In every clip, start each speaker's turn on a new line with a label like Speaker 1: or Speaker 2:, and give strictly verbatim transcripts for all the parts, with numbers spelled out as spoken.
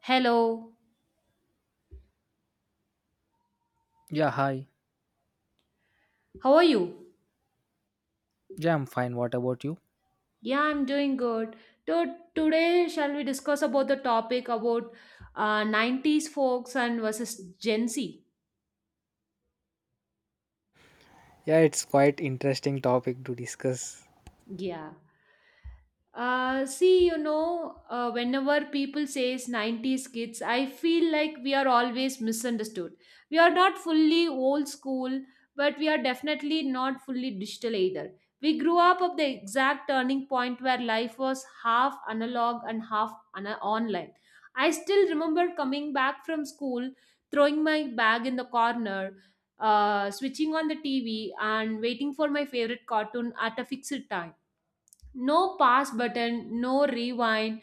Speaker 1: Hello,
Speaker 2: Yeah, hi.
Speaker 1: how are you?
Speaker 2: Yeah, I'm fine. What about you?
Speaker 1: Yeah, I'm doing good. So today, shall we discuss about the topic about uh, nineties folks and versus Gen Z?
Speaker 2: Yeah, it's quite interesting topic to discuss.
Speaker 1: Yeah. Uh, see, you know, uh, whenever people says nineties kids, I feel like we are always misunderstood. We are not fully old school, but we are definitely not fully digital either. We grew up at the exact turning point where life was half analog and half ana online. I still remember coming back from school, throwing my bag in the corner, uh, switching on the T V, and waiting for my favorite cartoon at a fixed time, no pause button, no rewind,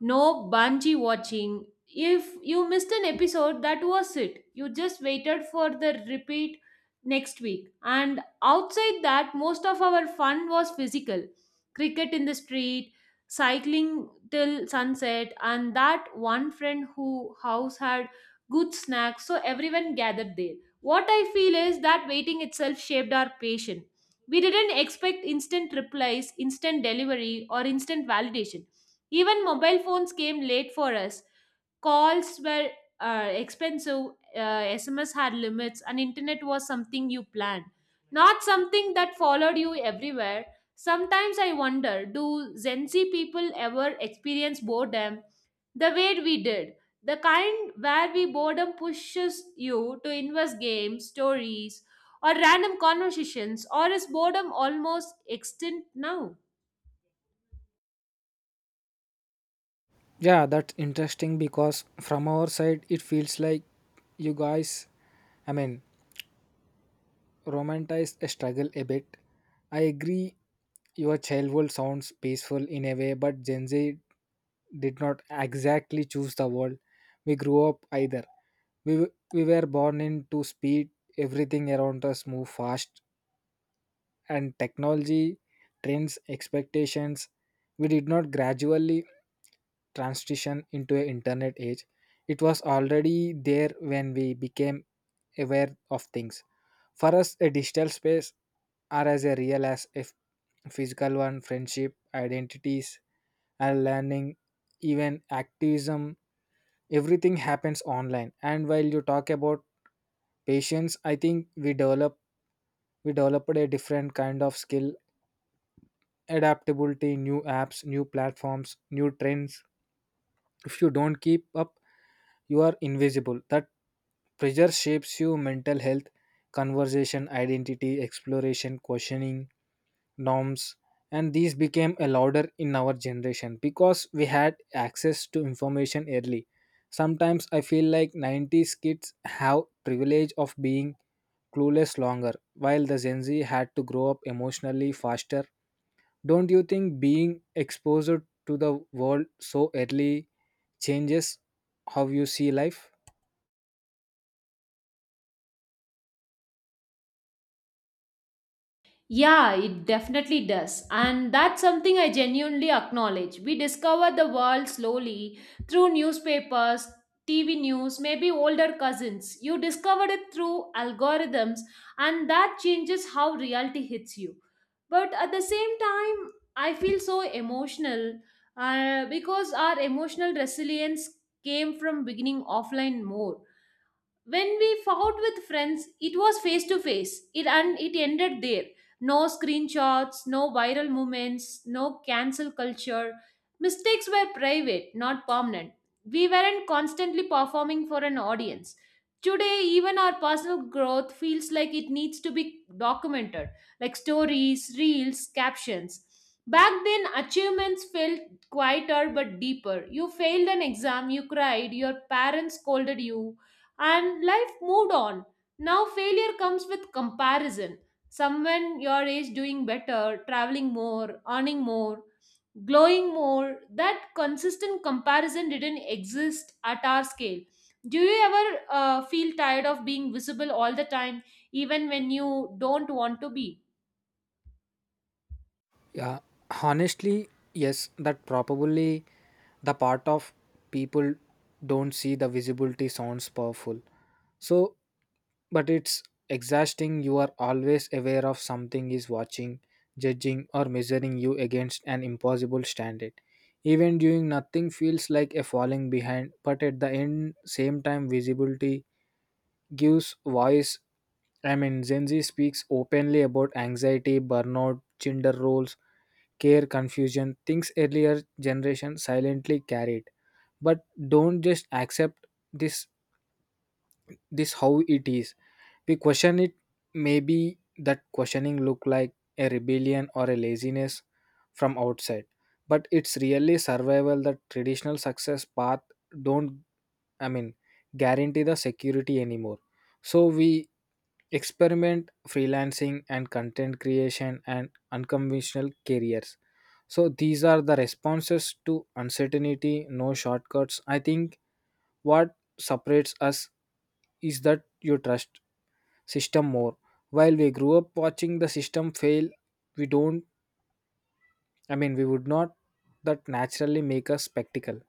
Speaker 1: no bungee watching. If you missed an episode, that was it. You just waited for the repeat next week. And outside that, most of our fun was physical, cricket in the street, cycling till sunset, and that one friend who house had good snacks, so everyone gathered there. What I feel is that waiting itself shaped our patience. We didn't expect instant replies, instant delivery, or instant validation, even mobile phones came late for us. Calls were uh, expensive, uh, S M S had limits, and internet was something you planned, not something that followed you everywhere. Sometimes I wonder, do Gen Z people ever experience boredom the way we did? The kind where we boredom pushes you to invest games, stories, or random conversations, or is boredom almost extinct now?
Speaker 2: Yeah, that's interesting because from our side, it feels like you guys, I mean, romanticize a struggle a bit. I agree, your childhood sounds peaceful in a way, but Gen Z did not exactly choose the world we grew up either. We, w- we were born into speed, everything around us move fast, and technology trends expectations we did not gradually transition into an internet age. It was already there when we became aware of things. For us a digital space are as a real as a f- physical one. Friendship, identities, and learning, even activism, everything happens online. And while you talk about patience, i think we develop we developed a different kind of skill: adaptability, new apps, new platforms, new trends. If you don't keep up, you are invisible. That pressure shapes you mental health, conversation, identity, exploration, questioning, norms. And these became a louder in our generation because we had access to information early. Sometimes I feel like nineties kids have privilege of being clueless longer, while the Gen Z had to grow up emotionally faster. Don't you think being exposed to the world so early changes how you see life?
Speaker 1: Yeah, it definitely does. And that's something I genuinely acknowledge. We discover the world slowly through newspapers, T V news, maybe older cousins. You discovered it through algorithms, and that changes how reality hits you. But at the same time, I feel so emotional, uh, because our emotional resilience came from beginning offline more. When we fought with friends, it was face to face it, and it ended there. No screenshots, no viral moments, no cancel culture, mistakes were private, not permanent. We weren't constantly performing for an audience. Today, even our personal growth feels like it needs to be documented, like stories, reels, captions. Back then, achievements felt quieter but deeper. You failed an exam, you cried, your parents scolded you, and life moved on. Now failure comes with comparison. Someone your age doing better, traveling more, earning more, glowing more. That consistent comparison didn't exist at our scale. Do you ever uh, feel tired of being visible all the time, even when you don't want to be?
Speaker 2: Yeah, honestly, yes, that probably the part of people don't see. The visibility sounds powerful. So but it's exhausting. You are always aware of something is watching, judging, or measuring you against an impossible standard. Even doing nothing feels like a falling behind. But at the end same time visibility gives voice. I mean, Zenzi speaks openly about anxiety, burnout, gender roles, care, confusion, things earlier generation silently carried. But don't just accept this this how it is. We question it. Maybe that questioning look like a rebellion or a laziness from outside. But it's really survival. That traditional success path don't, I mean guarantee the security anymore. So we experiment freelancing and content creation and unconventional careers. So these are the responses to uncertainty, no shortcuts. I think what separates us is that you trust system more, while we grew up watching the system fail. We don't, I mean, we would not that naturally make a spectacle.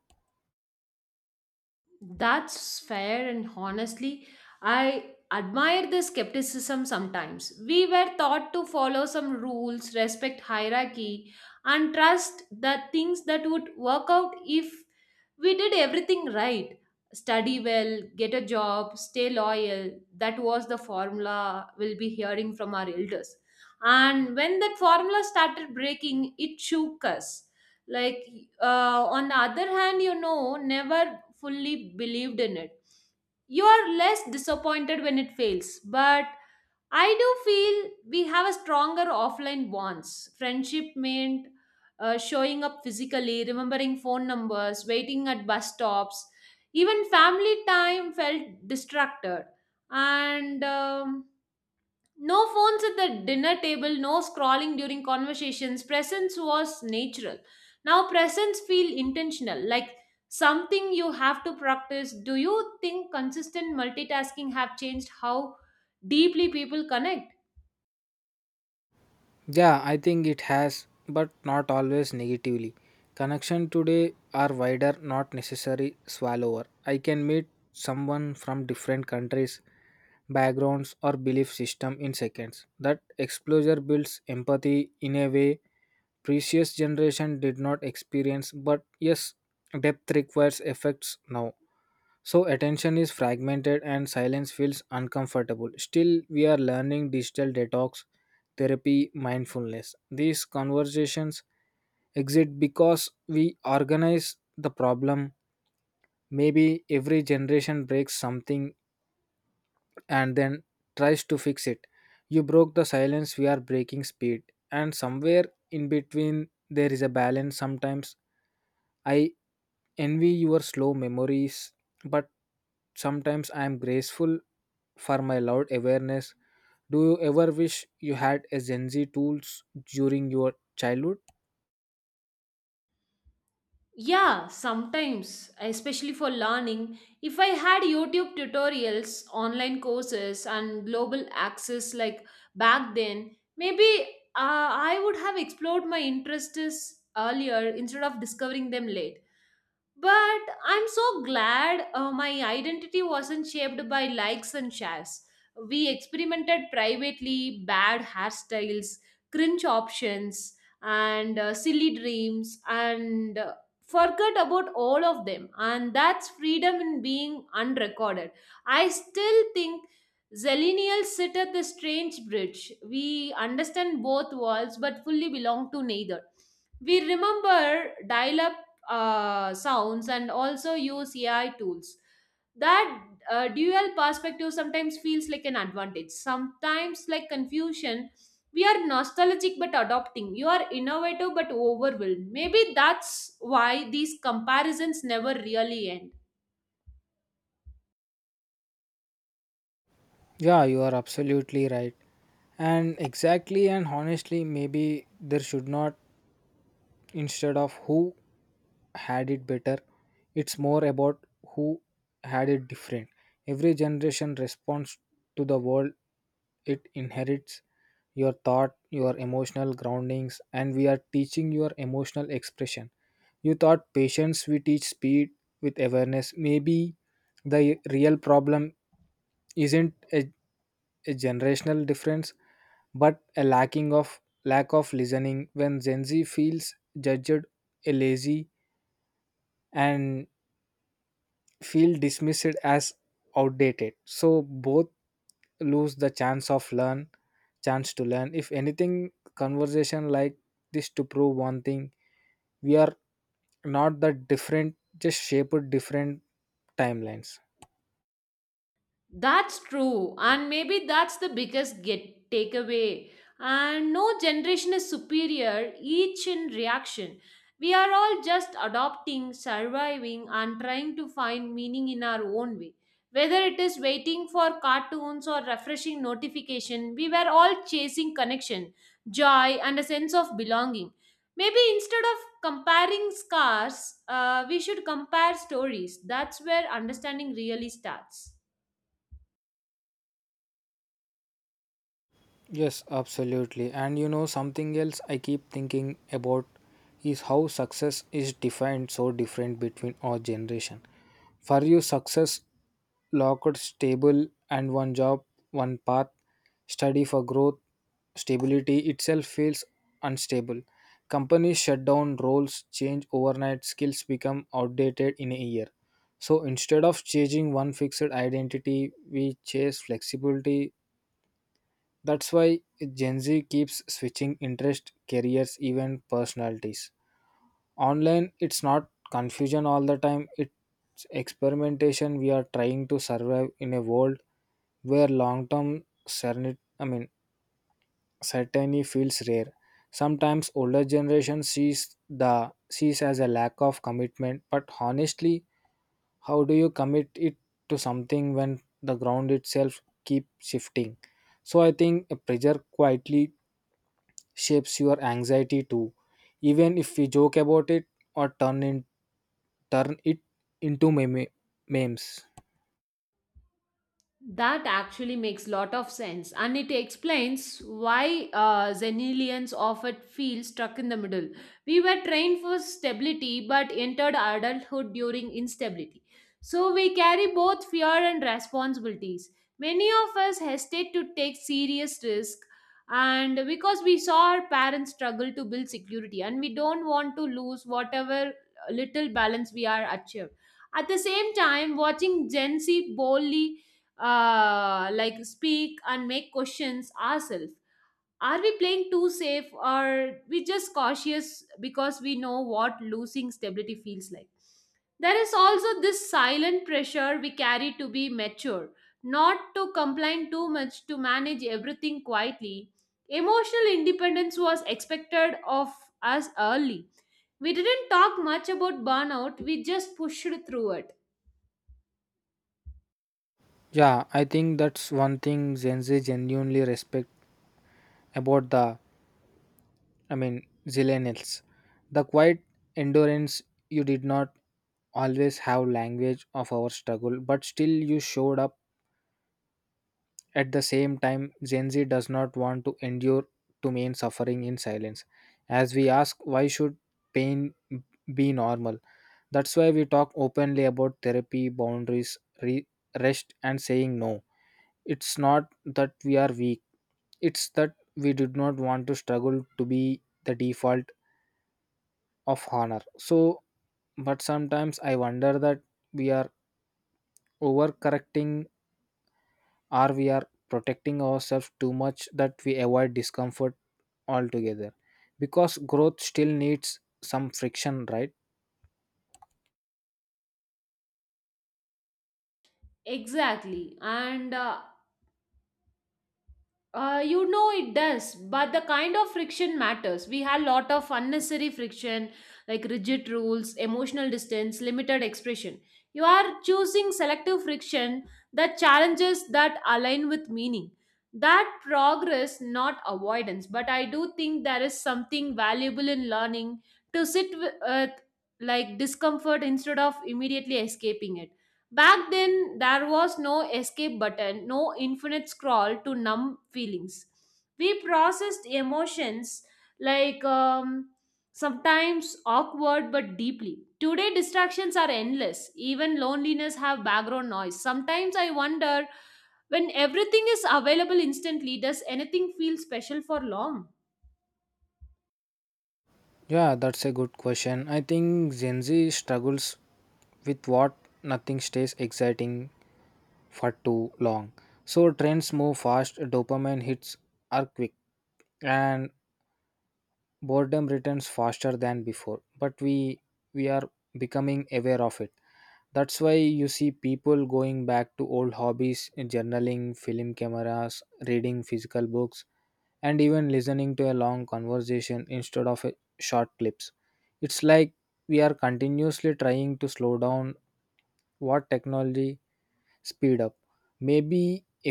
Speaker 1: That's fair, and honestly, I admire the skepticism sometimes. We were taught to follow some rules, respect hierarchy, and trust the things that would work out if we did everything right. Study well, get a job, stay loyal. That was the formula we'll be hearing from our elders. And when that formula started breaking, it shook us. Like, uh, on the other hand, you know, never fully believed in it. You are less disappointed when it fails, but I do feel we have a stronger offline bonds. Friendship meant uh, showing up physically, remembering phone numbers, waiting at bus stops. Even family time felt distracted, and um, no phones at the dinner table, no scrolling during conversations. Presence was natural. Now presence feel intentional, like something you have to practice. Do you think consistent multitasking have changed how deeply people connect?
Speaker 2: Yeah, I think it has, but not always negatively. Connection today are wider, not necessary swallower. I can meet someone from different countries, backgrounds, or belief system in seconds. That exposure builds empathy in a way previous generation did not experience. But yes, depth requires effects now. So attention is fragmented and silence feels uncomfortable. Still, we are learning digital detox, therapy, mindfulness. These conversations exist because we organize the problem. Maybe every generation breaks something and then tries to fix it. You broke the silence, we are breaking speed. And somewhere in between, there is a balance. Sometimes I envy your slow memories, but sometimes I am graceful for my loud awareness. Do you ever wish you had a Gen Z tools during your childhood?
Speaker 1: Yeah, sometimes, especially for learning, if I had YouTube tutorials, online courses, and global access like back then, maybe uh, I would have explored my interests earlier instead of discovering them late. But I'm so glad uh, my identity wasn't shaped by likes and shares. We experimented privately, bad hairstyles, cringe options, and uh, silly dreams, and uh, forgot about all of them. And that's freedom in being unrecorded. I still think Zillennials sit at the strange bridge. We understand both worlds but fully belong to neither. We remember dial up uh, sounds and also use A I tools. That uh, dual perspective sometimes feels like an advantage, sometimes like confusion. We are nostalgic but adopting. You are innovative but overwhelmed. Maybe that's why these comparisons never really end.
Speaker 2: Yeah, you are absolutely right. And exactly and honestly, maybe there should not, instead of who had it better, it's more about who had it different. Every generation responds to the world it inherits. Your thought, your emotional groundings, and we are teaching your emotional expression. You thought patience, we teach speed with awareness. Maybe the real problem isn't a, a generational difference, but a lacking of lack of listening. When Gen Z feels judged, a lazy, and feel dismissed as outdated, so both lose the chance of learn, chance to learn. If anything, conversation like this to prove one thing: we are not that different, just shaped different timelines.
Speaker 1: That's true, and maybe that's the biggest get takeaway. And no generation is superior, each in reaction. We are all just adopting, surviving, and trying to find meaning in our own way. Whether it is waiting for cartoons or refreshing notification, we were all chasing connection, joy, and a sense of belonging. Maybe instead of comparing scars, uh, we should compare stories. That's where understanding really starts.
Speaker 2: Yes, absolutely. And you know something else I keep thinking about is how success is defined so different between our generation. For you success locked, stable, and one job, one path. Study for growth, stability itself feels unstable. Companies shut down, roles change overnight, skills become outdated in a year. So instead of chasing one fixed identity, we chase flexibility. That's why Gen Z keeps switching interest, careers, even personalities. Online, it's not confusion all the time, it's experimentation. We are trying to survive in a world where long-term certainty, I mean, certainty feels rare. Sometimes older generation sees the sees as a lack of commitment, but honestly, how do you commit it to something when the ground itself keeps shifting? So I think a pressure quietly shapes your anxiety too. Even if we joke about it or turn in turn it into meme, memes.
Speaker 1: That actually makes lot of sense, and it explains why uh, Zenilians often feel stuck in the middle. We were trained for stability, but entered adulthood during instability. So we carry both fear and responsibilities. Many of us hesitate to take serious risk, and because we saw our parents struggle to build security, and we don't want to lose whatever little balance we are achieved. At the same time, watching Gen Z boldly uh, like speak and make questions ourselves. Are we playing too safe or we just cautious because we know what losing stability feels like? There is also this silent pressure we carry to be mature, not to complain too much, to manage everything quietly. Emotional independence was expected of us early. We didn't talk much about burnout, we just pushed through it.
Speaker 2: Yeah, I think that's one thing Gen Z genuinely respect about the I mean, Zillennials. The quiet endurance you did not always have language of our struggle, but still you showed up. At the same time, Gen Z does not want to endure to mean suffering in silence. As we ask, why should pain be normal? That's why we talk openly about therapy, boundaries, re- rest, and saying no. It's not that we are weak, it's that we did not want to struggle to be the default of honor. So, but sometimes I wonder that we are overcorrecting or we are protecting ourselves too much that we avoid discomfort altogether. Because growth still needs some friction, right?
Speaker 1: Exactly. And uh, Uh, you know it does, but the kind of friction matters. We had lot of unnecessary friction, like rigid rules, emotional distance, limited expression. You are choosing selective friction, that challenges that align with meaning. That progress, not avoidance. But I do think there is something valuable in learning to sit with, uh, like discomfort instead of immediately escaping it. Back then, there was no escape button, no infinite scroll to numb feelings. We processed emotions like um, sometimes awkward but deeply. Today, distractions are endless. Even loneliness have background noise. Sometimes I wonder, when everything is available instantly, does anything feel special for long?
Speaker 2: Yeah, that's a good question. I think Gen Z struggles with what nothing stays exciting for too long. So trends move fast, dopamine hits are quick, and boredom returns faster than before. But we we are becoming aware of it. That's why you see people going back to old hobbies, journaling, film cameras, reading physical books, and even listening to a long conversation instead of a short clips. It's like we are continuously trying to slow down what technology speed up. Maybe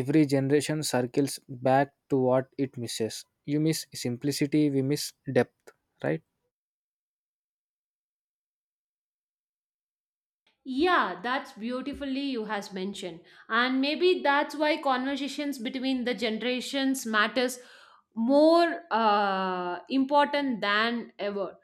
Speaker 2: every generation circles back to what it misses. You miss simplicity, we miss depth, right?
Speaker 1: Yeah, that's beautifully you has mentioned. And maybe that's why conversations between the generations matters more, uh, important than ever.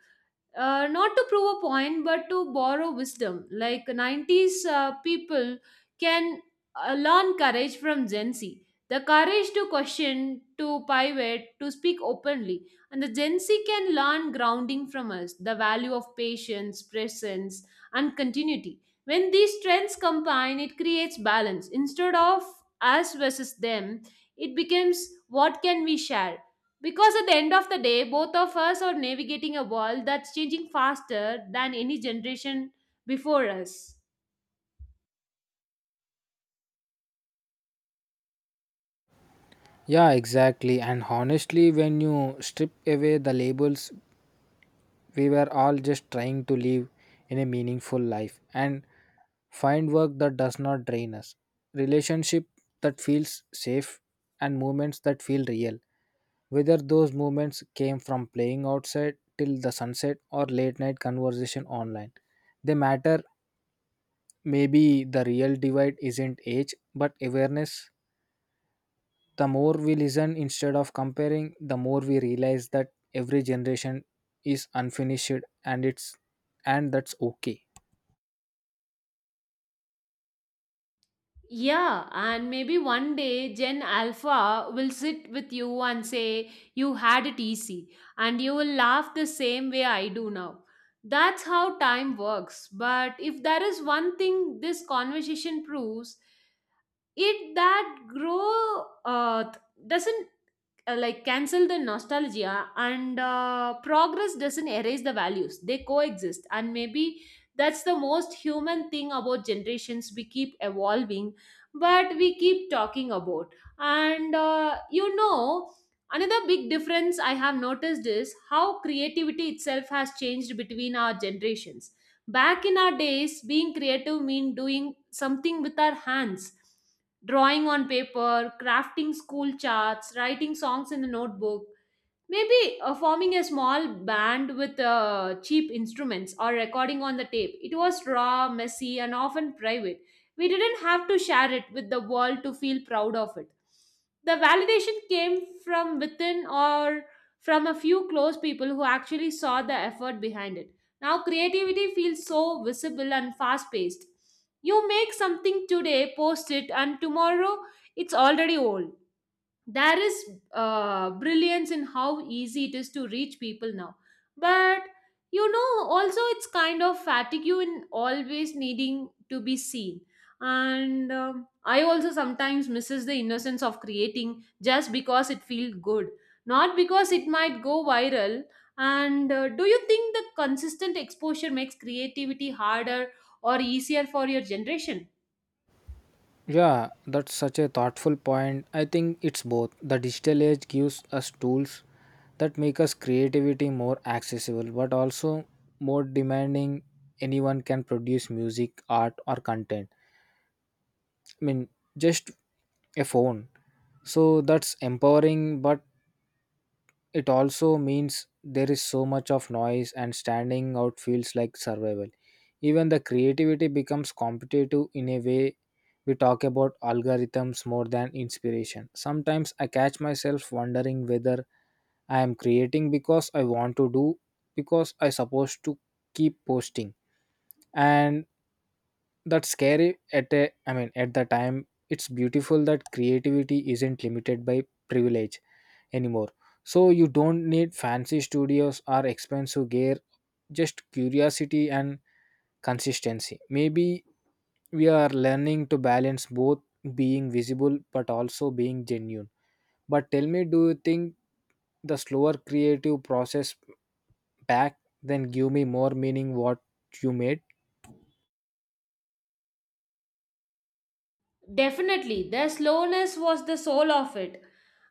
Speaker 1: Uh, not to prove a point, but to borrow wisdom. Like nineties uh, people can uh, learn courage from Gen Z. The courage to question, to pivot, to speak openly. And the Gen Z can learn grounding from us, the value of patience, presence, and continuity. When these trends combine, it creates balance. Instead of us versus them, it becomes what can we share, because at the end of the day, both of us are navigating a world that's changing faster than any generation before us.
Speaker 2: Yeah, exactly. And honestly, when you strip away the labels, we were all just trying to live in a meaningful life and find work that does not drain us, relationship that feels safe, and moments that feel real. Whether those moments came from playing outside till the sunset or late night conversation online, they matter. Maybe the real divide isn't age, but awareness. The more we listen instead of comparing, the more we realize that every generation is unfinished and it's and that's okay.
Speaker 1: Yeah, and maybe one day Gen Alpha will sit with you and say, "You had it easy," and you will laugh the same way I do now. That's how time works. But if there is one thing this conversation proves, it that growth uh, doesn't uh, like cancel the nostalgia, and uh, progress doesn't erase the values. They coexist, and maybe that's the most human thing about generations. We keep evolving, but we keep talking about. And uh, you know another big difference I have noticed is how creativity itself has changed between our generations. Back in our days, being creative mean doing something with our hands, drawing on paper, crafting school charts, writing songs in a notebook. Maybe uh, forming a small band with uh, cheap instruments or recording on the tape. It was raw, messy, and often private. We didn't have to share it with the world to feel proud of it. The validation came from within, or from a few close people who actually saw the effort behind it. Now, creativity feels so visible and fast paced. You make something today, post it, and tomorrow it's already old. There is uh, brilliance in how easy it is to reach people now, but you know, also it's kind of fatigue you in always needing to be seen. And um, I also sometimes misses the innocence of creating just because it feels good, not because it might go viral. And uh, do you think the consistent exposure makes creativity harder or easier for your generation?
Speaker 2: Yeah, that's such a thoughtful point. I think it's both. The digital age gives us tools that make us creativity more accessible but also more demanding. Anyone can produce music, art or content. I mean, just a phone. So that's empowering but it also means there is so much of noise and standing out feels like survival. Even the creativity becomes competitive in a way. We talk about algorithms more than inspiration. Sometimes I catch myself wondering whether I am creating because I want to do, because I supposed to keep posting. And that's scary. At a I mean at the time it's beautiful that creativity isn't limited by privilege anymore. So you don't need fancy studios or expensive gear, just curiosity and consistency. Maybe we are learning to balance both, being visible but also being genuine. But tell me, do you think the slower creative process back then give me more meaning what you made?
Speaker 1: Definitely, the slowness was the soul of it.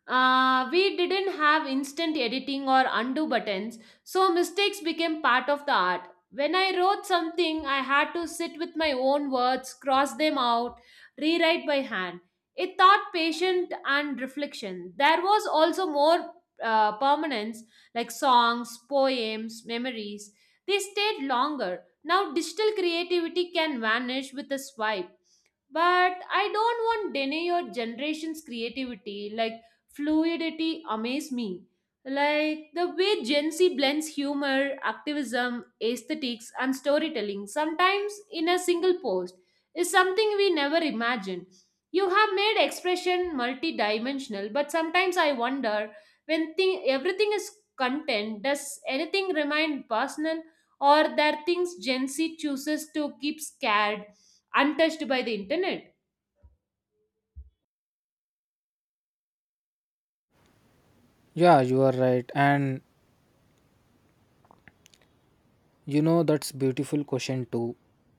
Speaker 1: Uh, we didn't have instant editing or undo buttons, so mistakes became part of the art. When I wrote something, I had to sit with my own words, cross them out, rewrite by hand. It taught patience and reflection. There was also more uh, permanence, like songs, poems, memories. They stayed longer. Now, digital creativity can vanish with a swipe, but I don't want deny your generation's creativity. Like, fluidity amaze me, like the way Gen Z blends humor, activism, aesthetics, and storytelling sometimes in a single post, is something we never imagined. You have made expression multidimensional, but sometimes I wonder, when thing, everything is content, does anything remain personal, or there are things Gen Z chooses to keep scared, untouched by the internet?
Speaker 2: Yeah, you are right. And you know, that's beautiful question too,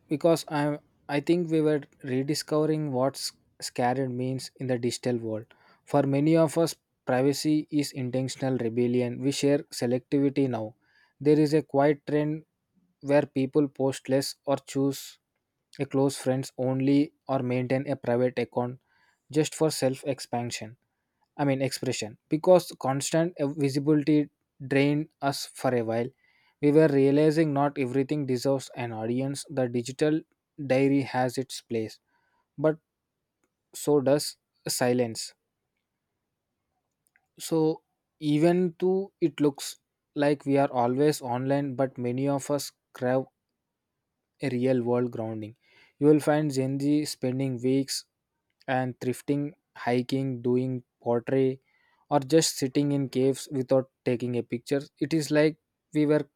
Speaker 2: because I I think we were rediscovering what s- scared means in the digital world. For many of us, privacy is intentional rebellion. We share selectivity now. There is a quiet trend where people post less or choose a close friends only or maintain a private account just for self expansion. I mean expression. Because constant visibility drained us for a while. We were realizing not everything deserves an audience. The digital diary has its place, but so does silence. So even though it looks like we are always online, but many of us crave a real world grounding. You will find Gen Z spending weeks and thrifting, hiking, doing pottery, or just sitting in caves without taking a picture. It is like we were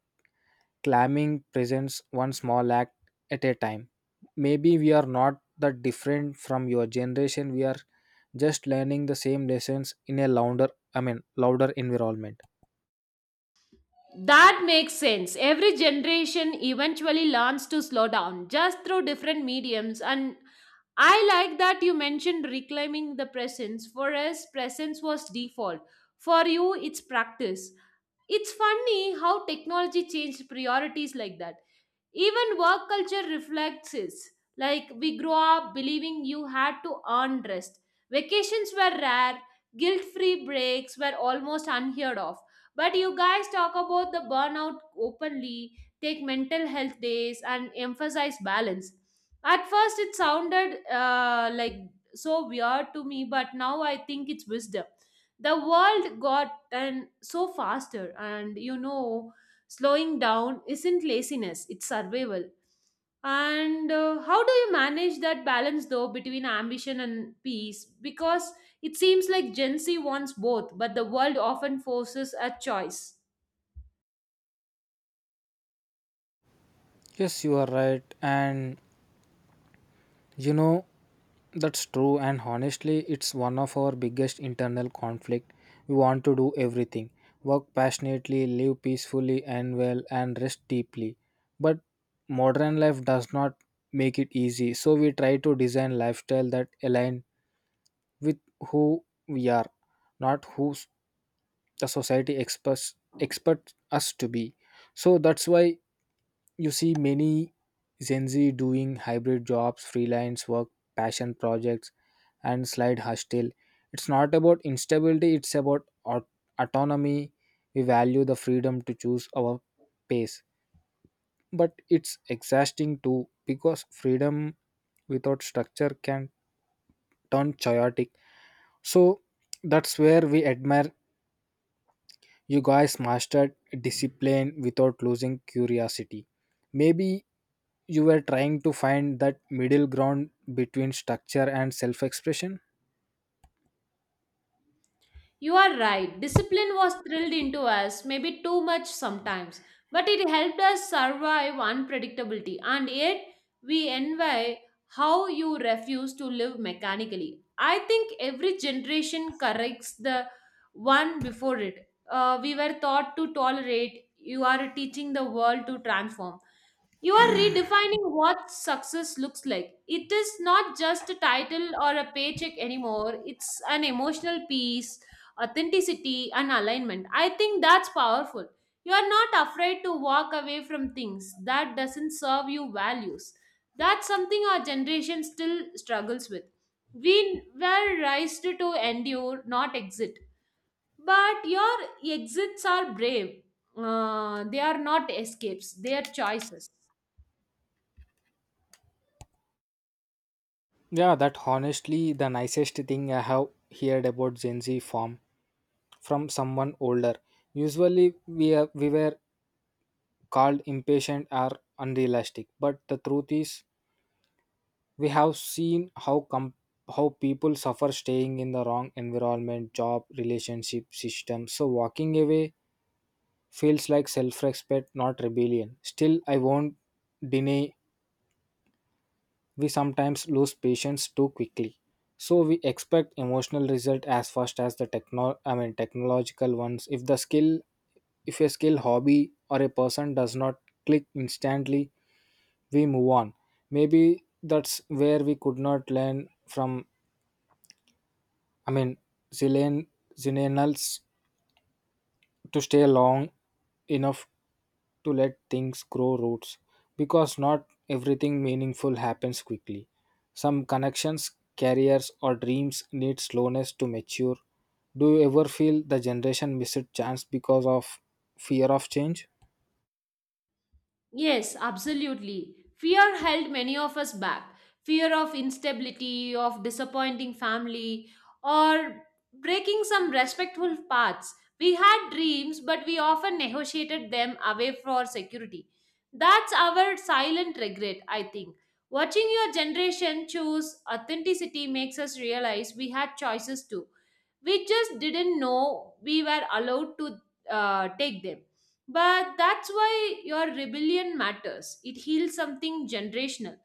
Speaker 2: climbing presents one small act at a time. Maybe we are not that different from your generation. We are just learning the same lessons in a louder, I mean, louder environment.
Speaker 1: That makes sense. Every generation eventually learns to slow down just through different mediums. And I like that you mentioned reclaiming the presence. For us, presence was default. For you, it's practice. It's funny how technology changed priorities like that. Even work culture reflects this. Like we grow up believing you had to earn rest. Vacations were rare, guilt-free breaks were almost unheard of. But you guys talk about the burnout openly, take mental health days, and emphasize balance. At first, it sounded uh, like so weird to me, but now I think it's wisdom. The world got and so faster, and you know slowing down isn't laziness, it's survival. And uh, how do you manage that balance though between ambition and peace? Because it seems like Gen Z wants both, but the world often forces a choice.
Speaker 2: Yes, you are right. And you know, that's true, and honestly, it's one of our biggest internal conflict. We want to do everything, work passionately, live peacefully and well, and rest deeply. But modern life does not make it easy, so we try to design lifestyle that align with who we are, not who s- the society expects expects us to be. So that's why you see many Gen Z doing hybrid jobs, freelance work, passion projects, and slide hustle. It's not about instability, it's about au- autonomy. We value the freedom to choose our pace. But it's exhausting too because freedom without structure can turn chaotic. So that's where we admire you guys mastered discipline without losing curiosity. Maybe you were trying to find that middle ground between structure and self expression?
Speaker 1: You are right. Discipline was drilled into us, maybe too much sometimes, but it helped us survive unpredictability. And yet, we envy how you refuse to live mechanically. I think every generation corrects the one before it. Uh, we were taught to tolerate, you are teaching the world to transform. You are redefining what success looks like. It is not just a title or a paycheck anymore, it's an emotional peace, authenticity, and alignment. I think that's powerful. You are not afraid to walk away from things that doesn't serve you values. That's something our generation still struggles with. We were raised to endure, not exit. But your exits are brave. Uh, they are not escapes, they are choices.
Speaker 2: Yeah, that honestly the nicest thing I have heard about Gen Z form from someone older. Usually we are, we were called impatient or unrealistic, but the truth is we have seen how com- how people suffer staying in the wrong environment, job, relationship, system. So walking away feels like self-respect, not rebellion. Still, I won't deny we sometimes lose patience too quickly. So we expect emotional result as fast as the techno I mean technological ones. If the skill if a skill hobby or a person does not click instantly, we move on. Maybe that's where we could not learn from I mean Zillion Zillions to stay long enough to let things grow roots. Because not everything meaningful happens quickly. Some connections, careers, or dreams need slowness to mature. Do you ever feel the generation missed chance because of fear of change?
Speaker 1: Yes, absolutely. Fear held many of us back. Fear of instability, of disappointing family, or breaking some respectful paths. We had dreams, but we often negotiated them away for security. That's our silent regret, I think. Watching your generation choose authenticity makes us realize we had choices too, we just didn't know we were allowed to uh, take them. But that's why your rebellion matters. It heals something generational.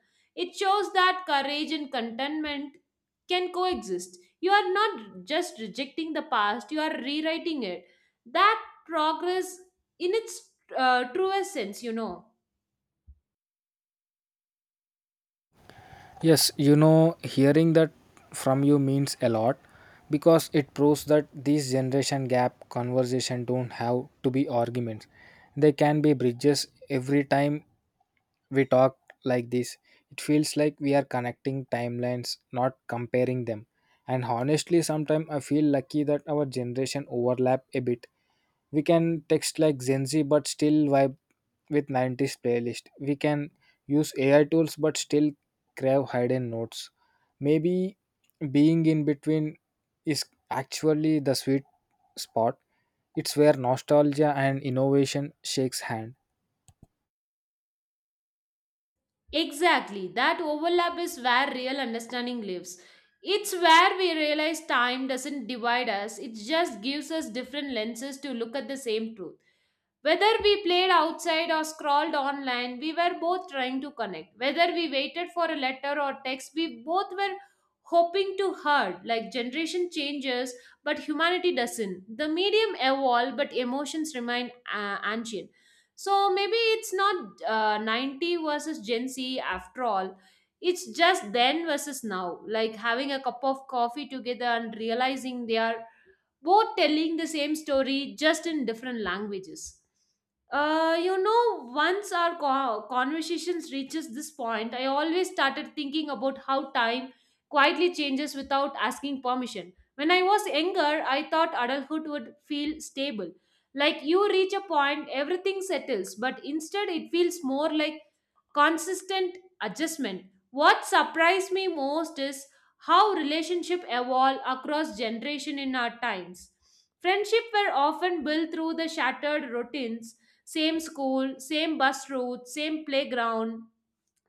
Speaker 1: It shows that courage and contentment can coexist. You are not just rejecting the past, you are rewriting it. That progress in its uh, truest sense, you know
Speaker 2: Yes, you know, hearing that from you means a lot because it proves that these generation gap conversation don't have to be arguments. They can be bridges. Every time we talk like this, it feels like we are connecting timelines, not comparing them. And honestly, sometimes I feel lucky that our generation overlap a bit. We can text like Gen Z but still vibe with nineties playlist. We can use A I tools but still crave hidden notes. Maybe being in between is actually the sweet spot. It's where nostalgia and innovation shakes hand.
Speaker 1: Exactly. That overlap is where real understanding lives. It's where we realize time doesn't divide us, it just gives us different lenses to look at the same truth. Whether we played outside or scrolled online, we were both trying to connect. Whether we waited for a letter or text, we both were hoping to heard. Like generation changes, but humanity doesn't. The medium evolve, but emotions remain uh, ancient. So maybe it's not uh, ninety versus Gen Z after all. It's just then versus now. Like having a cup of coffee together and realizing they are both telling the same story just in different languages. Uh, you know, once our co- conversations reaches this point, I always started thinking about how time quietly changes without asking permission. When I was younger, I thought adulthood would feel stable. Like you reach a point, everything settles, but instead it feels more like consistent adjustment. What surprised me most is how relationships evolve across generation in our times. Friendship were often built through the shattered routines, same school, same bus route, same playground,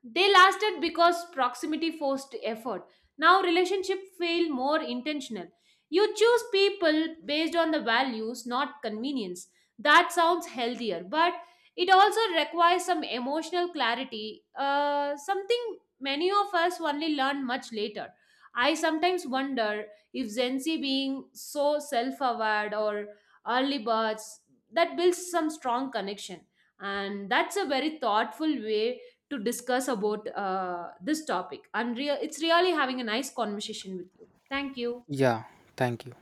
Speaker 1: they lasted because proximity forced effort. Now relationship feel more intentional. You choose people based on the values, not convenience. That sounds healthier, but it also requires some emotional clarity, uh, something many of us only learn much later. I sometimes wonder if Gen Z being so self-aware or early birds that builds some strong connection, and that's a very thoughtful way to discuss about uh, this topic. And rea- it's really having a nice conversation with you. Thank you.
Speaker 2: Yeah, thank you.